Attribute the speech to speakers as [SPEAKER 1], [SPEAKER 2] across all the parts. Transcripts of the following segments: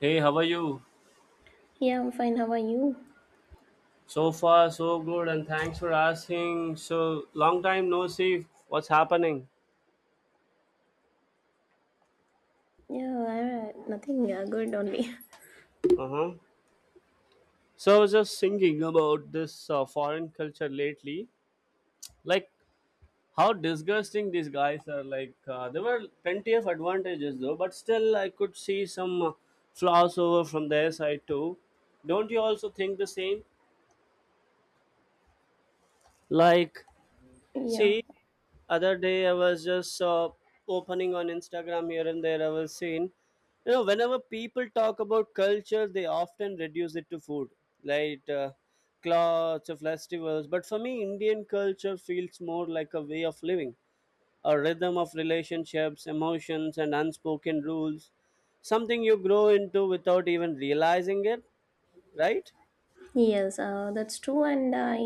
[SPEAKER 1] Hey, how are you?
[SPEAKER 2] Yeah, I'm fine. How are you?
[SPEAKER 1] So far, so good, and thanks for asking. So long time no see. What's happening?
[SPEAKER 2] Nothing. Good only.
[SPEAKER 1] Uh huh. So I was just thinking about this foreign culture lately, like how disgusting these guys are. Like, there were plenty of advantages though, but still I could see some flaws over from their side too. Don't you also think the same? Like,
[SPEAKER 2] Yeah.
[SPEAKER 1] see, other day I was just opening on Instagram. Here and there I was seeing, you know, whenever people talk about culture they often reduce it to food, like clothes or festivals, but for me Indian culture feels more like a way of living, a rhythm of relationships, emotions and unspoken rules, something you grow into without even realizing it, right?
[SPEAKER 2] Yes, that's true. And I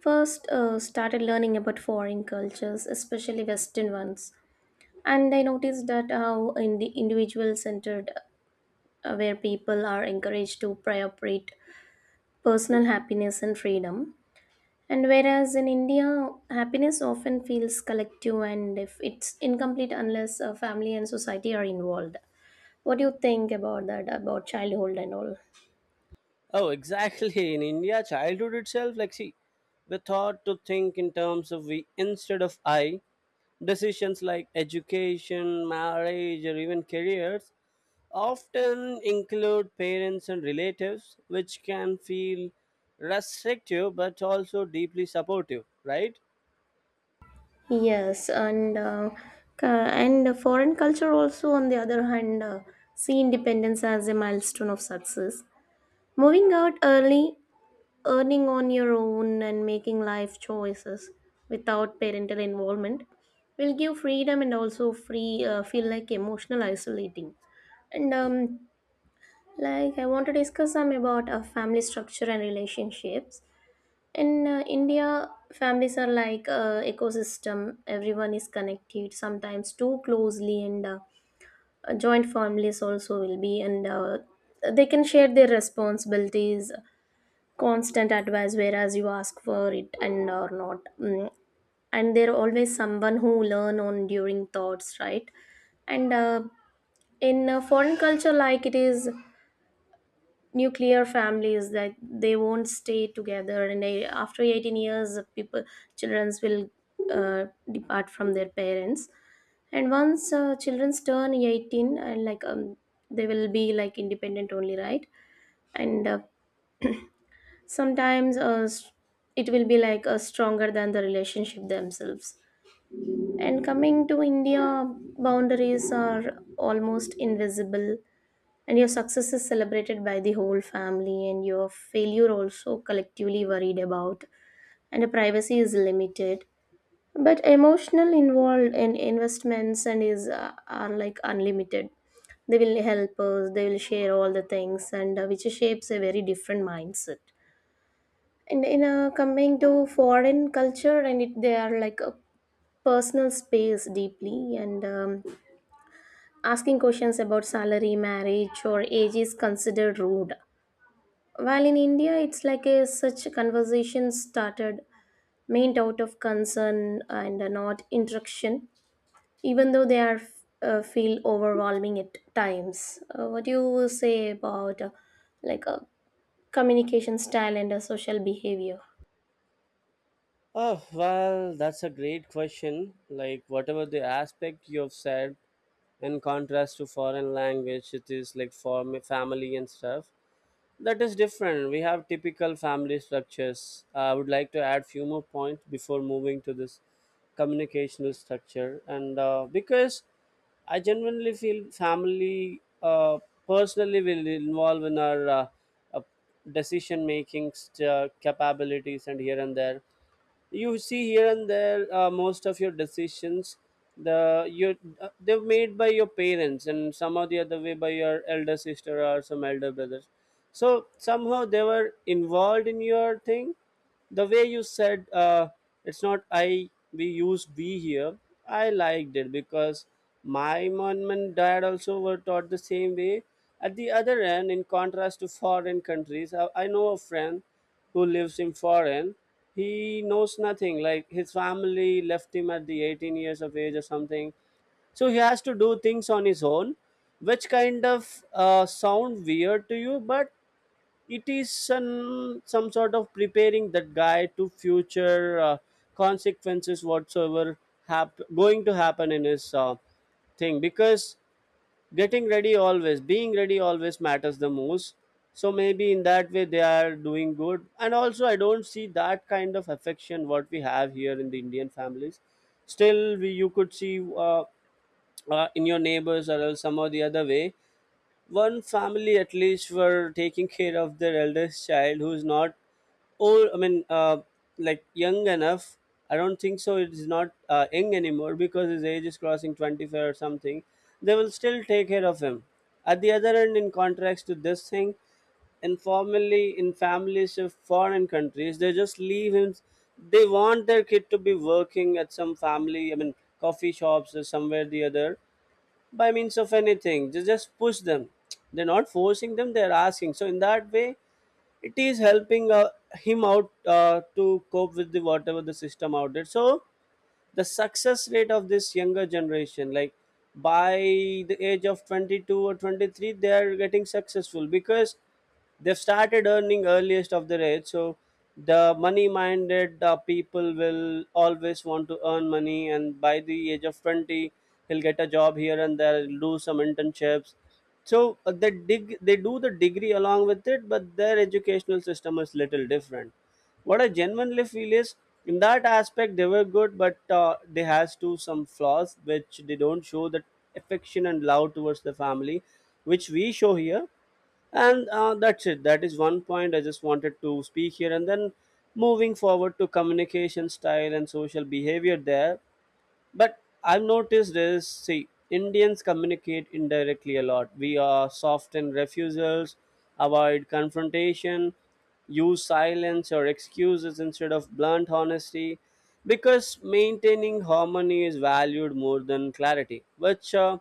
[SPEAKER 2] first started learning about foreign cultures, especially Western ones. And I noticed that how in the individual centered, where people are encouraged to prioritize personal happiness and freedom. And whereas in India, happiness often feels collective and if it's incomplete unless family and society are involved. What do you think about that, about childhood and all?
[SPEAKER 1] Oh, exactly. In India, childhood itself, like, see, we're taught to think in terms of we instead of I. Decisions like education, marriage, or even careers often include parents and relatives, which can feel restrictive but also deeply supportive, right?
[SPEAKER 2] Yes, and and foreign culture also, on the other hand, see independence as a milestone of success. Moving out early, earning on your own, and making life choices without parental involvement will give freedom and also free feel like emotional isolating. And like I want to discuss some about family structure and relationships. In india families are like ecosystem, everyone is connected sometimes too closely, and joint families also will be, and they can share their responsibilities, constant advice whereas you ask for it and or not. Mm, and there always someone who learn on during thoughts, right? And uh, in uh, foreign culture, like it is nuclear families that they won't stay together and they, after 18 years people childrens will uh, depart from their parents. And once childrens turn 18 and like they will be like independent only, right? and Sometimes it will be like stronger than the relationship themselves. And coming to india, boundaries are almost invisible, and your success is celebrated by the whole family and your failure also collectively worried about, and your privacy is limited, but emotional involved in investments and is are like unlimited. They will help us, they will share all the things, and which shapes a very different mindset. And in coming to foreign culture and it, they are like a personal space deeply, and asking questions about salary marriage or age is considered rude. While in India, it's like a such conversation started main out of concern and not interaction, even though they are feel overwhelming at times. What do you say about like a communication style and a social behavior?
[SPEAKER 1] Oh, well, that's a great question. Like, whatever the aspect you've said, in contrast to foreign language, it is like for me, family and stuff. That is different. We have typical family structures. I would like to add few more points before moving to this communicational structure. And because I genuinely feel family personally will involve in our uh, decision making capabilities, and here and there you see here and there most of your decisions the you they're made by your parents and somehow the other way by your elder sister or some elder brothers, so somehow they were involved in your thing. The way you said it's not I, we used we here. I liked it because my mom and dad also were taught the same way. At the other end, in contrast to foreign countries, I know a friend who lives in foreign. He knows nothing, like his family left him at the 18 years of age or something, so he has to do things on his own, which kind of sound weird to you, but it is an, some sort of preparing that guy to future consequences whatsoever going to happen in his thing, because getting ready always, being ready always matters the most. So maybe in that way they are doing good, and also I don't see that kind of affection what we have here in the Indian families. Still you could see in your neighbors or else some or the other way, one family at least were taking care of their eldest child who's not old, I mean like young enough. I don't think so, it's not young anymore because his age is crossing 25 or something. They will still take care of him. At the other end, in contrast to this thing, informally in families of foreign countries they just leave him. They want their kid to be working at some family, I mean coffee shops or somewhere the other, by means of anything. Just push them. They're not forcing them, they're asking. So in that way it is helping him out to cope with the whatever the system out there. So the success rate of this younger generation, like by the age of 22 or 23, they are getting successful because they've started earning earliest of the age. So the money minded people will always want to earn money, and by the age of 20 he'll get a job here and there, he'll do some internships. So they do the degree along with it, but their educational system is little different. What I genuinely feel is in that aspect they were good, but they has to some flaws, which they don't show that affection and love towards the family which we show here. And that's it. That is one point I just wanted to speak here. And then moving forward to communication style and social behavior there. But I've noticed this, see, Indians communicate indirectly a lot. We are soft in refusals, avoid confrontation, use silence or excuses instead of blunt honesty, because maintaining harmony is valued more than clarity, which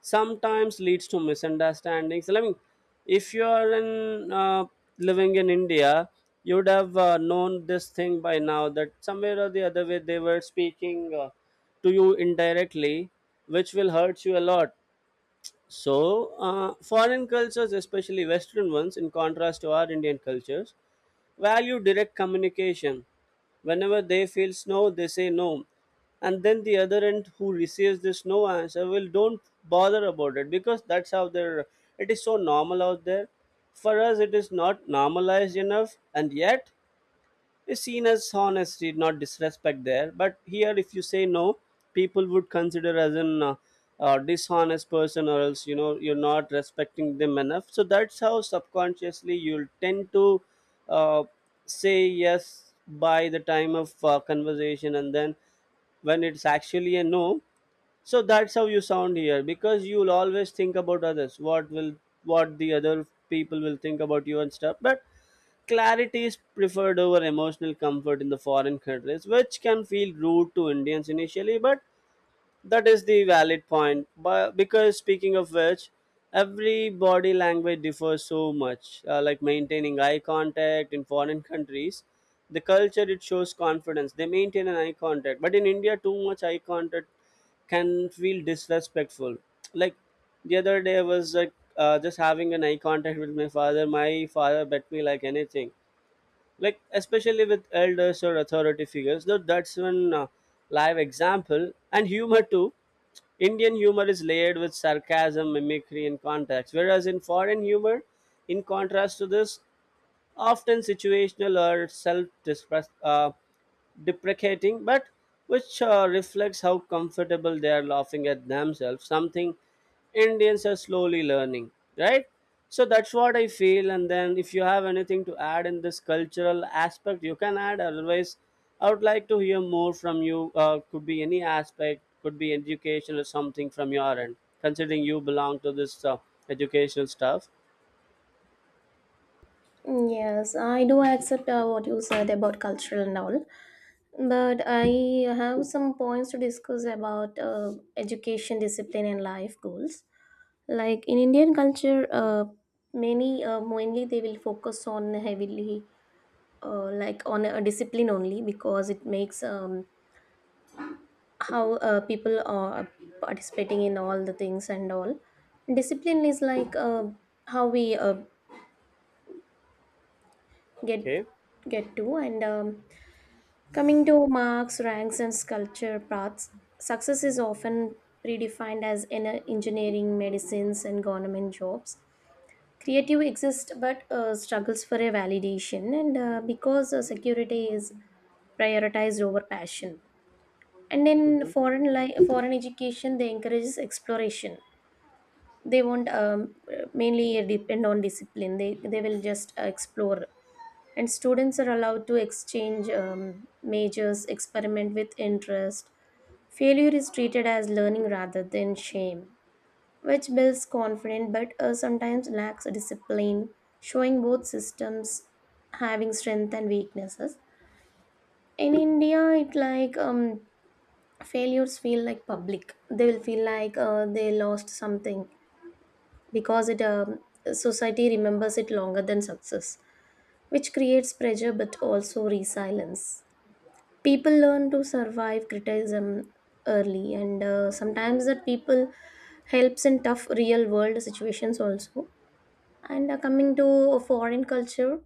[SPEAKER 1] sometimes leads to misunderstandings. I mean, if you are in living in India, you would have known this thing by now, that somewhere or the other way they were speaking to you indirectly, which will hurt you a lot. So, foreign cultures, especially Western ones, in contrast to our Indian cultures, value direct communication. Whenever they feel no, they say no. And then the other end who receives this no answer will don't bother about it, because that's how it is so normal out there. For us, it is not normalized enough, and yet is seen as honesty, not disrespect there. But here, if you say no, people would consider as an dishonest person, or else you know you're not respecting them enough. So that's how subconsciously you'll tend to uh, say yes by the time of conversation, and then when it's actually a no. So that's how you sound here, because you'll always think about others, what the other people will think about you and stuff. But clarity is preferred over emotional comfort in the foreign countries, which can feel rude to Indians initially, but that is the valid point. But because, speaking of which, every body language differs so much. Like maintaining eye contact in foreign countries, the culture, it shows confidence. They maintain an eye contact, but in India, too much eye contact can feel disrespectful. Like the other day, I was like just having an eye contact with my father. My father bet me like anything, like especially with elders or authority figures, though that's one live example. And humor too, Indian humor is layered with sarcasm, mimicry and context, whereas in foreign humor, in contrast to this, often situational or self deprecating, but which reflects how comfortable they are laughing at themselves, something Indians are slowly learning, right? So that's what I feel. And then if you have anything to add in this cultural aspect, you can add. Otherwise, I would like to hear more from you. Could be any aspect, could be education or something from your end, considering you belong to this educational stuff.
[SPEAKER 2] Yes, I do accept what you said about cultural and all, but I have some points to discuss about education, discipline, and life goals. Like in Indian culture, many mainly they will focus on heavily like on a discipline only, because it makes how people are participating in all the things and all. Discipline is like how we get
[SPEAKER 1] Okay.
[SPEAKER 2] get to, and coming to marks, ranks, and culture paths. Success is often predefined as in engineering, medicines, and government jobs. Creative exists but struggles for a validation, and because security is prioritized over passion. And in
[SPEAKER 1] Mhm.
[SPEAKER 2] foreign education they encourages exploration. They won't mainly depend on discipline, they will just explore. And students are allowed to exchange majors, experiment with interest. Failure is treated as learning rather than shame, which builds confidence but sometimes lacks discipline, showing both systems having strength and weaknesses. In India, it like failures feel like public. They will feel like they lost something, because it society remembers it longer than success, which creates pressure but also resilience. People learn to survive criticism early, and sometimes that people helps in tough real world situations also. And coming to foreign culture,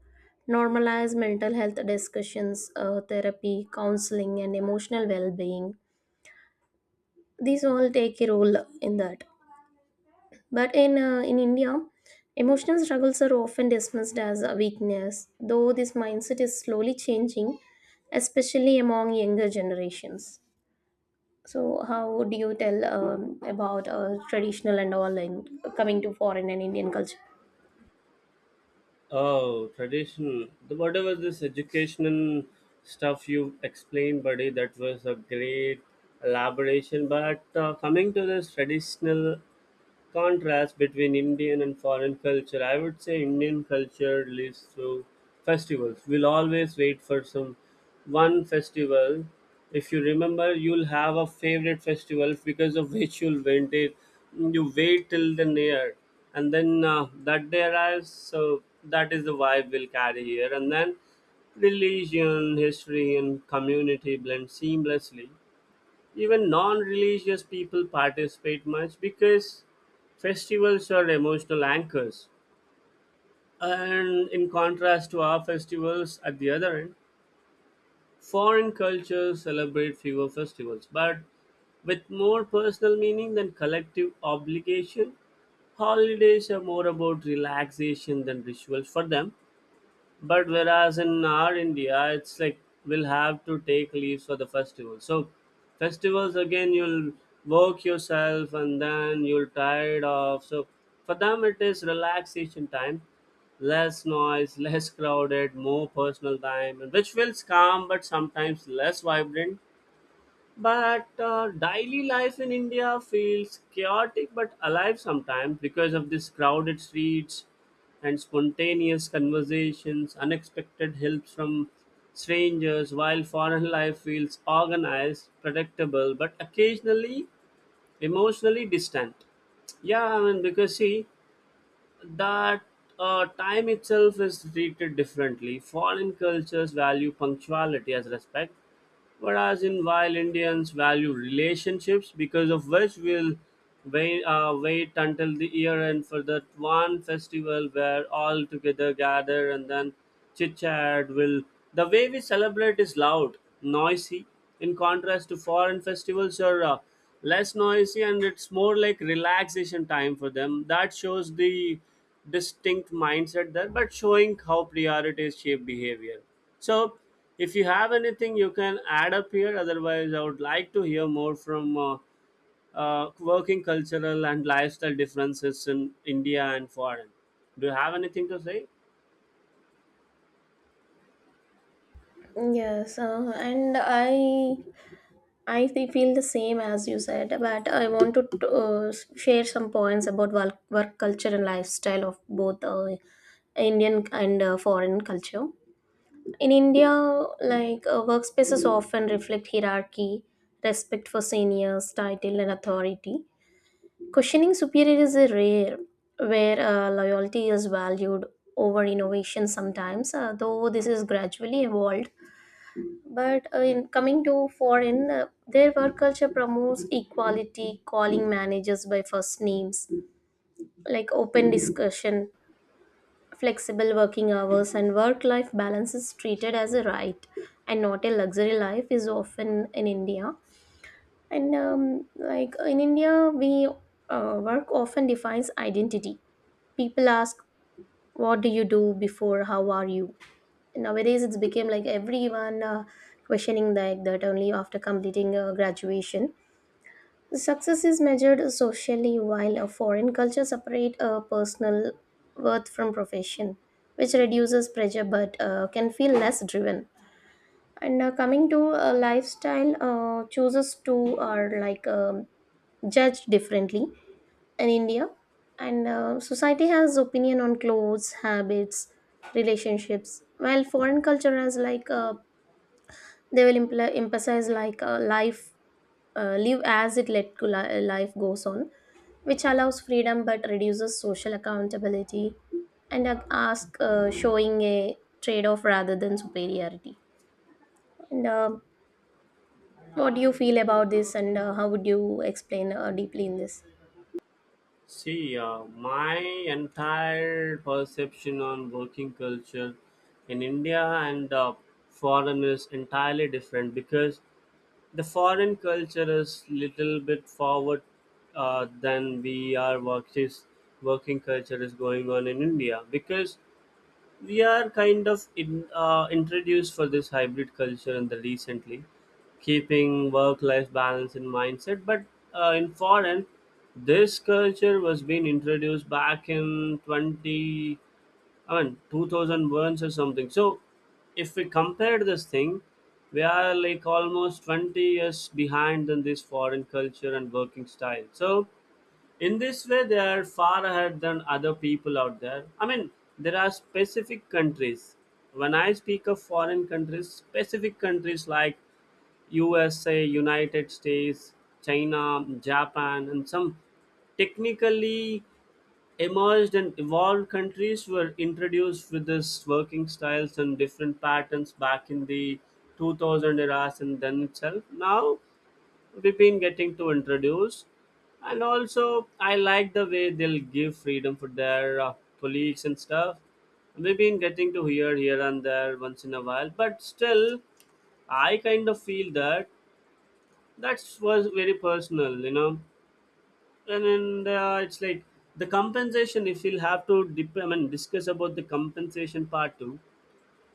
[SPEAKER 2] normalize mental health discussions, therapy, counseling, and emotional well-being. These all take a role in that. But in India, emotional struggles are often dismissed as a weakness, though this mindset is slowly changing, especially among younger generations. So, how do you tell about traditional and all in coming to foreign and Indian culture?
[SPEAKER 1] Oh, tradition! Whatever this educational stuff you explained, buddy, that was a great elaboration. But coming to this traditional contrast between Indian and foreign culture, I would say Indian culture lives through festivals. We'll always wait for some one festival. If you remember, you'll have a favorite festival because of which you'll wait it. You wait till the near, and then that day arrives. So that is the vibe we'll carry here, and then religion, history, and community blend seamlessly. Even non-religious people participate much, because festivals are emotional anchors. And in contrast to our festivals, at the other end, foreign cultures celebrate fewer festivals but with more personal meaning than collective obligation. Holidays are more about relaxation than rituals for them, but whereas in our India, it's like we'll have to take leaves for the festival. So festivals again, you'll work yourself and then you'll tired off. So for them it is relaxation time, less noise less crowded, more personal time, and which feels calm but sometimes less vibrant. But daily life in India feels chaotic but alive sometimes, because of these crowded streets and spontaneous conversations, unexpected helps from strangers, while foreign life feels organized, predictable, but occasionally emotionally distant. Yeah, I mean, because see, that time itself is treated differently. Foreign cultures value punctuality as respect, whereas in while Indians value relationships, because of which we'll wait until the year end for that one festival where all together gather and then chit chat. Will The way we celebrate is loud, noisy, in contrast to foreign festivals are less noisy and it's more like relaxation time for them. That shows the distinct mindset there, but showing how priorities shape behavior. So if you have anything, you can add up here. Otherwise, I would like to hear more from working cultural and lifestyle differences in India and foreign. Do you have anything to say?
[SPEAKER 2] Yes, and I feel the same as you said, but I want to share some points about work, work culture and lifestyle of both Indian and foreign culture. In India, like workspaces often reflect hierarchy, respect for seniors, title, and authority. Questioning superior is a rare, where loyalty is valued over innovation sometimes, though this is gradually evolved. But in coming to foreign, their work culture promotes equality, calling managers by first names, like open discussion, flexible working hours, and work life balance is treated as a right and not a luxury. Life is often in India. And like in India, we work often defines identity. People ask, "What do you do before? How are you?" Nowadays it's became like everyone questioning like that only after completing graduation. Success is measured socially, while a foreign culture separate personal worth from profession, which reduces pressure but can feel less driven. And coming to lifestyle chooses to are like judged differently in india, and society has opinion on clothes, habits, relationships, while foreign culture has like they will emphasize like life live as it, life goes on, which allows freedom but reduces social accountability, and ask showing a trade-off rather than superiority. And what do you feel about this, and how would you explain deeply in this?
[SPEAKER 1] See, my entire perception on working culture in India and foreign is entirely different, because the foreign culture is little bit forward than we are. What is working culture is going on in India? Because we are kind of in, introduced for this hybrid culture in the recently, keeping work-life balance in mindset. But in foreign, this culture was being introduced back in 20 and 2000 burns or something. So if we compare this thing, we are like almost 20 years behind than this foreign culture and working style. So in this way, they are far ahead than other people out there. I mean, there are specific countries. When I speak of foreign countries, specific countries like USA, United States, China, Japan, and some technically emerged and evolved countries were introduced with this working styles and different patterns back in the 2000 eras and then itself. Now we've been getting to introduce, and also I like the way they'll give freedom for their colleagues and stuff. We've been getting to hear here and there once in a while, but still I kind of feel that that was very personal. And it's like the compensation, if you'll have to dip, I mean, discuss about the compensation part too,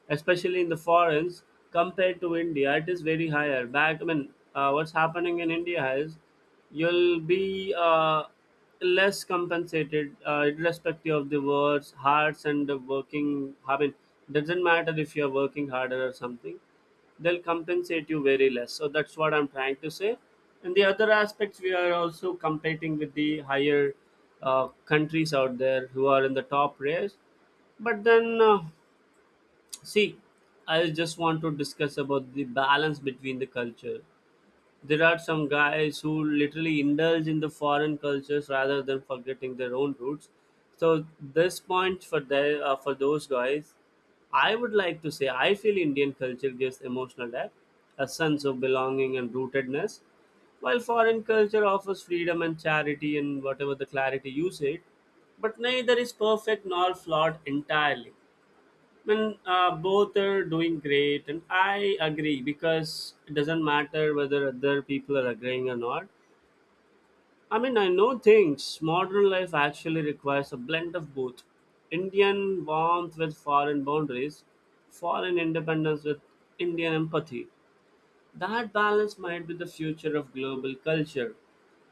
[SPEAKER 1] especially in the foreigns compared to India. It is very higher. Back, I mean, what's happening in India is you'll be less compensated irrespective of the words, hearts, and the working. I mean, doesn't matter if you're working harder or something. They'll compensate you very less. So that's what I'm trying to say. And the other aspects, we are also competing with the higher countries out there who are in the top race. But then, see, I just want to discuss about the balance between the culture. There are some guys who literally indulge in the foreign cultures rather than forgetting their own roots. So this point for for those guys, I would like to say I feel Indian culture gives emotional depth, a sense of belonging and rootedness, while foreign culture offers freedom and charity and whatever the clarity you said, but neither is perfect nor flawed entirely. When Both are doing great, and I agree because it doesn't matter whether other people are agreeing or not. I mean, I know things. Modern life actually requires a blend of both Indian warmth with foreign boundaries, foreign independence with Indian empathy. That balance might be the future of global culture.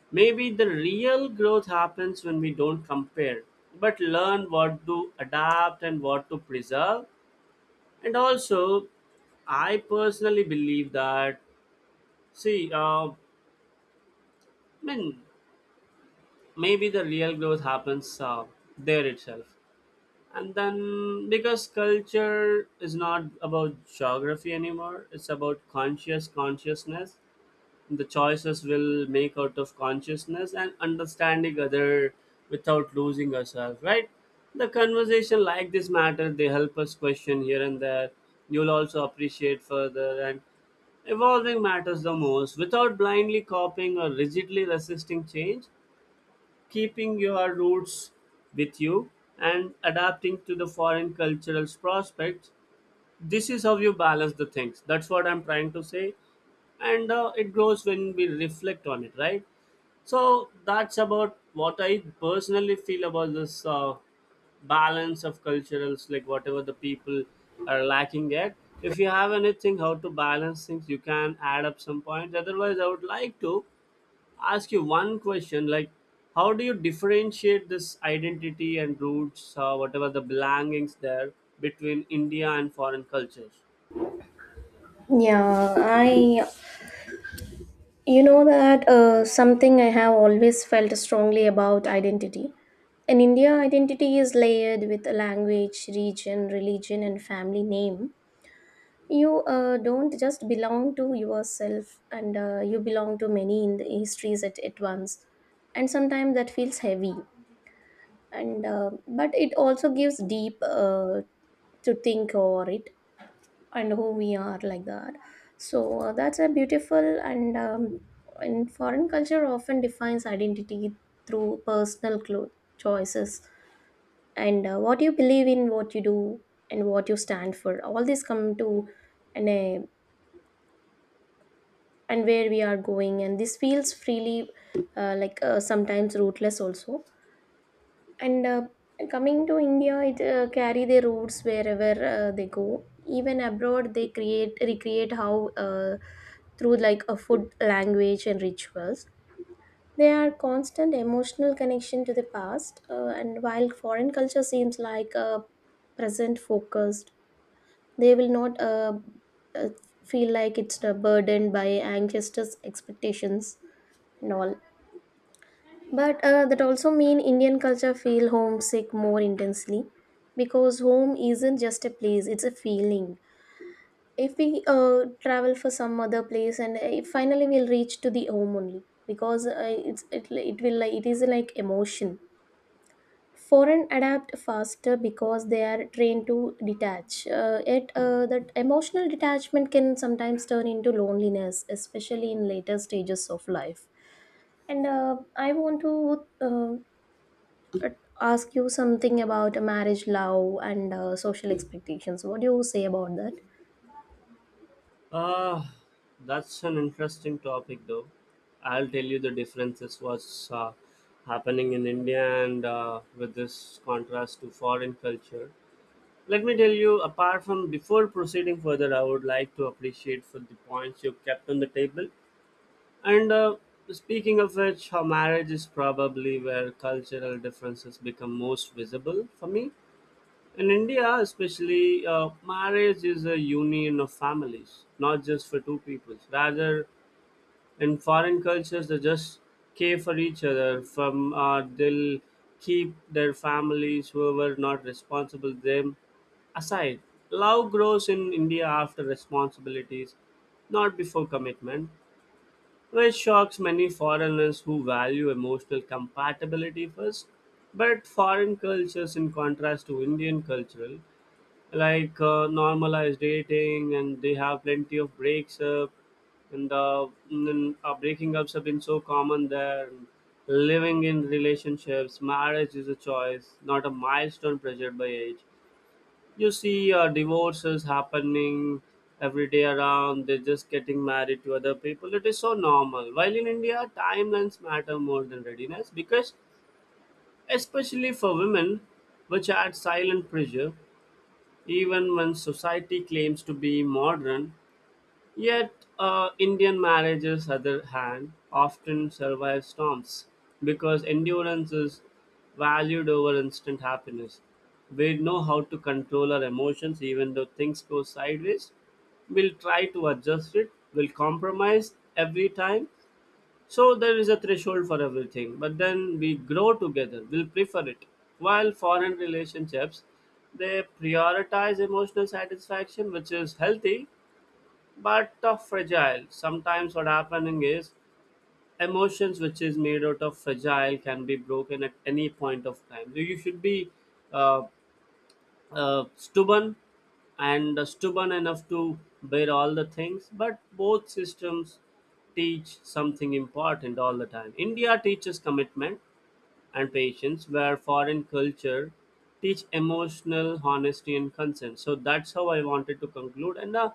[SPEAKER 1] Maybe the real growth happens when we don't compare, but learn what to adapt and what to preserve. And also, I personally believe that. See, I mean, maybe the real growth happens there itself. And then because culture is not about geography anymore, it's about conscious consciousness. The choices will make out of consciousness and understanding other without losing ourselves, right? The conversation like this matter, they help us question here and there. You'll also appreciate further, and evolving matters the most without blindly copying or rigidly resisting change, keeping your roots with you and adapting to the foreign cultural prospects. This is how you balance the things. That's what I'm trying to say. And it grows when we reflect on it, right? So that's about what I personally feel about this balance of culturals, like whatever the people are lacking at. If you have anything how to balance things, you can add up some points. Otherwise, I would like to ask you one question, like how do you differentiate this identity and roots, whatever the belongings there between India and foreign cultures?
[SPEAKER 2] Yeah, I You know that something I have always felt strongly about identity. In India, identity is layered with language, region, religion, and family name. You don't just belong to yourself, and you belong to many in the histories at once. And sometimes that feels heavy. And but it also gives deep to think over it, and who we are like that. So that's a beautiful, and foreign culture often defines identity through choices, and what you believe in, what you do, and what you stand for, all this come to, and and where we are going, and this feels freely like sometimes rootless also. And coming to india, it carry their roots wherever they go, even abroad they create recreate how through like a food, language and rituals. They are constant emotional connection to the past, and while foreign culture seems like present focused. They will not uh, feel like it's burdened by ancestors expectations and all. But that also mean Indian culture feel homesick more intensely, because home isn't just a place, it's a feeling. If we travel for some other place, and finally we'll reach to the home only because it will like it is like emotion. Foreign adapt faster because they are trained to detach. Yet that emotional detachment can sometimes turn into loneliness, especially in later stages of life. And I want to but ask you something about marriage, love and social expectations. What do you say about that?
[SPEAKER 1] uh, that's an interesting topic though. I'll tell you the differences, what's happening in India and with this contrast to foreign culture. Let me tell you apart from before proceeding further, I would like to appreciate for the points you kept on the table. And speaking of which, her marriage is probably where cultural differences become most visible for me. In India, especially, marriage is a union of families, not just for two peoples. Rather, in foreign cultures, they just care for each other. From They'll keep their families, whoever not responsible them, aside. Love grows in India after responsibilities, not before commitment, which shocks many foreigners who value emotional compatibility first. But foreign cultures, in contrast to Indian cultural, like normalized dating, and they have plenty of breaks up, and breaking ups have been so common there. And living in relationships, marriage is a choice, not a milestone pressured by age. You see, divorces happening every day around. They're just getting married to other people. It is so normal. While in India, timelines matter more than readiness because, especially for women, which adds silent pressure, even when society claims to be modern. Yet, Indian marriages, other hand, often survive storms because endurance is valued over instant happiness. We know how to control our emotions even though things go sideways. We'll try to adjust it, we'll compromise every time. So, there is a threshold for everything, but then we grow together, we'll prefer it. While foreign relationships, they prioritize emotional satisfaction, which is healthy but of fragile. Sometimes what happening is emotions which is made out of fragile can be broken at any point of time. So you should be uh, stubborn and stubborn enough to bear all the things. But both systems teach something important all the time. India teaches commitment and patience, where foreign culture teach emotional honesty and consent. So that's how I wanted to conclude. And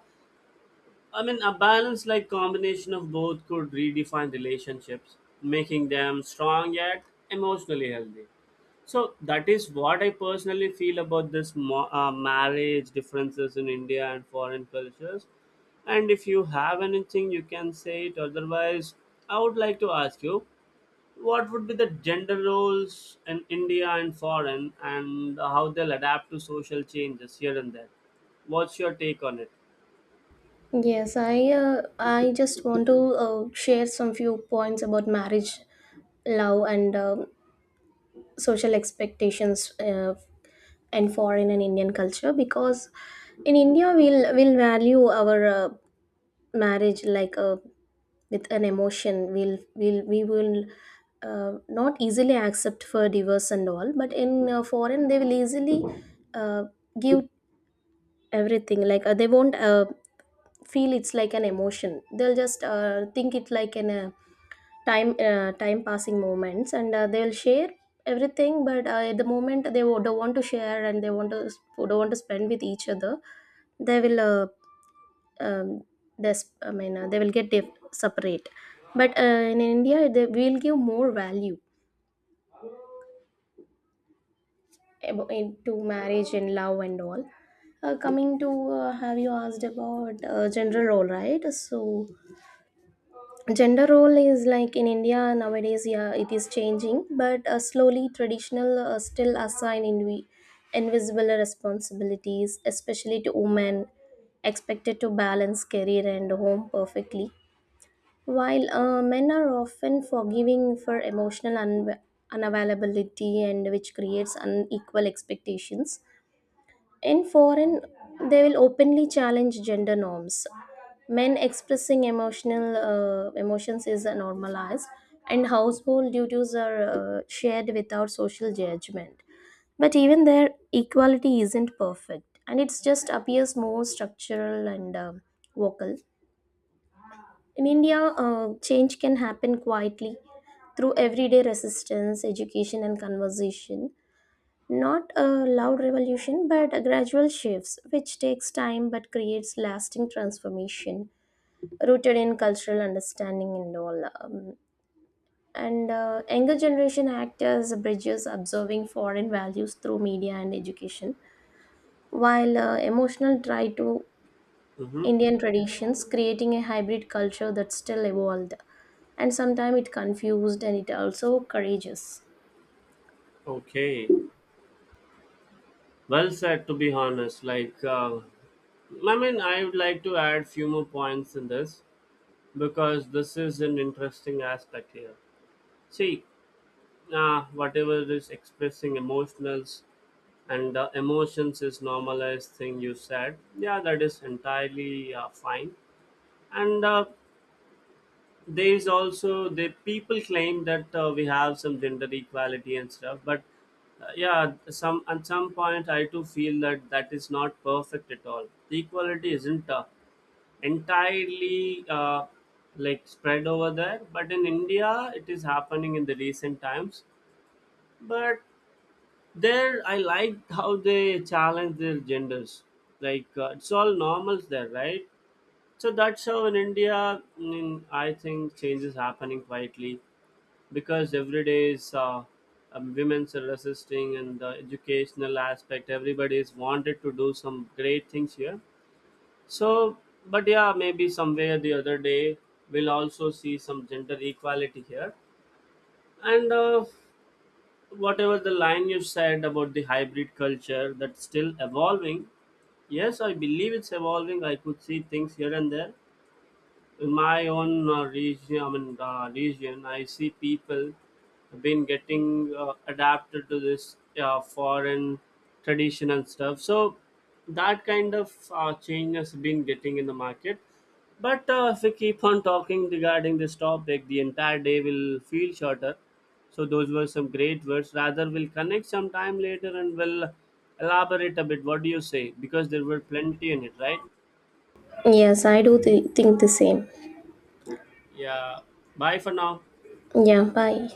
[SPEAKER 1] I mean, a balanced like combination of both could redefine relationships, making them strong yet emotionally healthy. So that is what I personally feel about this marriage differences in India and foreign cultures. And if you have anything, you can say it. Otherwise, I would like to ask you, what would be the gender roles in India and foreign, and how they'll adapt to social changes here and there? What's your take on it?
[SPEAKER 2] Yes, I just want to share some few points about marriage, love and social expectations and foreign and indian culture. Because in india we'll value our marriage like a with an emotion. We'll, we'll we will uh, not easily accept for divorce and all, but in foreign they will easily uh, give everything. Like they won't feel it's like an emotion, they'll just think it like an time passing moments, and they'll share everything. But at the moment they don't want to share, and they want to don't want to spend with each other, they will um, this I mean they will get separate. But in india they will give more value to marriage and love and all. Coming to have you asked about gender role, right? So gender role is like in india nowadays, yeah, it is changing but slowly. Traditional still assign invisible responsibilities, especially to women, expected to balance career and home perfectly. While men are often forgiving for unavailability, and which creates unequal expectations. In foreign, they will openly challenge gender norms. Men expressing emotional emotions is normalized, and household duties are shared without social judgment. But even there, equality isn't perfect, and it just appears more structural and vocal. In India, change can happen quietly through everyday resistance, education, and conversation. Not a loud revolution, but a gradual shifts, which takes time but creates lasting transformation, rooted in cultural understanding and all. And Younger generation act as bridges, observing foreign values through media and education, while emotional try to
[SPEAKER 1] Mm-hmm.
[SPEAKER 2] Indian traditions, creating a hybrid culture that still evolved. And sometimes it confused and it also courageous.
[SPEAKER 1] Okay. Well said, to be honest. Like, I mean, I would like to add few more points in this because this is an interesting aspect here. See, whatever is expressing emotionals and emotions is normalized thing you said. Yeah, that is entirely fine. And there is also the people claim that we have some gender equality and stuff. But yeah, some at some point I too feel that that is not perfect at all. The equality isn't entirely like spread over there, but in India it is happening in the recent times. But there I liked how they challenge their genders. Like it's all normals there, right? So that's how in India, I think change is happening quietly, because every day is women's are resisting and the educational aspect. Everybody is wanted to do some great things here. So but yeah, maybe somewhere the other day we'll also see some gender equality here. And whatever the line you said about the hybrid culture, that's still evolving. Yes, I believe it's evolving. I could see things here and there in my own region, I mean region, I see people have been getting adapted to this foreign tradition and stuff. So that kind of change has been getting in the market. But if we keep on talking regarding this topic, the entire day will feel shorter. So those were some great words. Rather, we'll connect sometime later and we'll elaborate a bit. What do you say? Because there were plenty in it, right?
[SPEAKER 2] Yes, I do think the same.
[SPEAKER 1] Yeah. Bye for now.
[SPEAKER 2] Yeah, bye.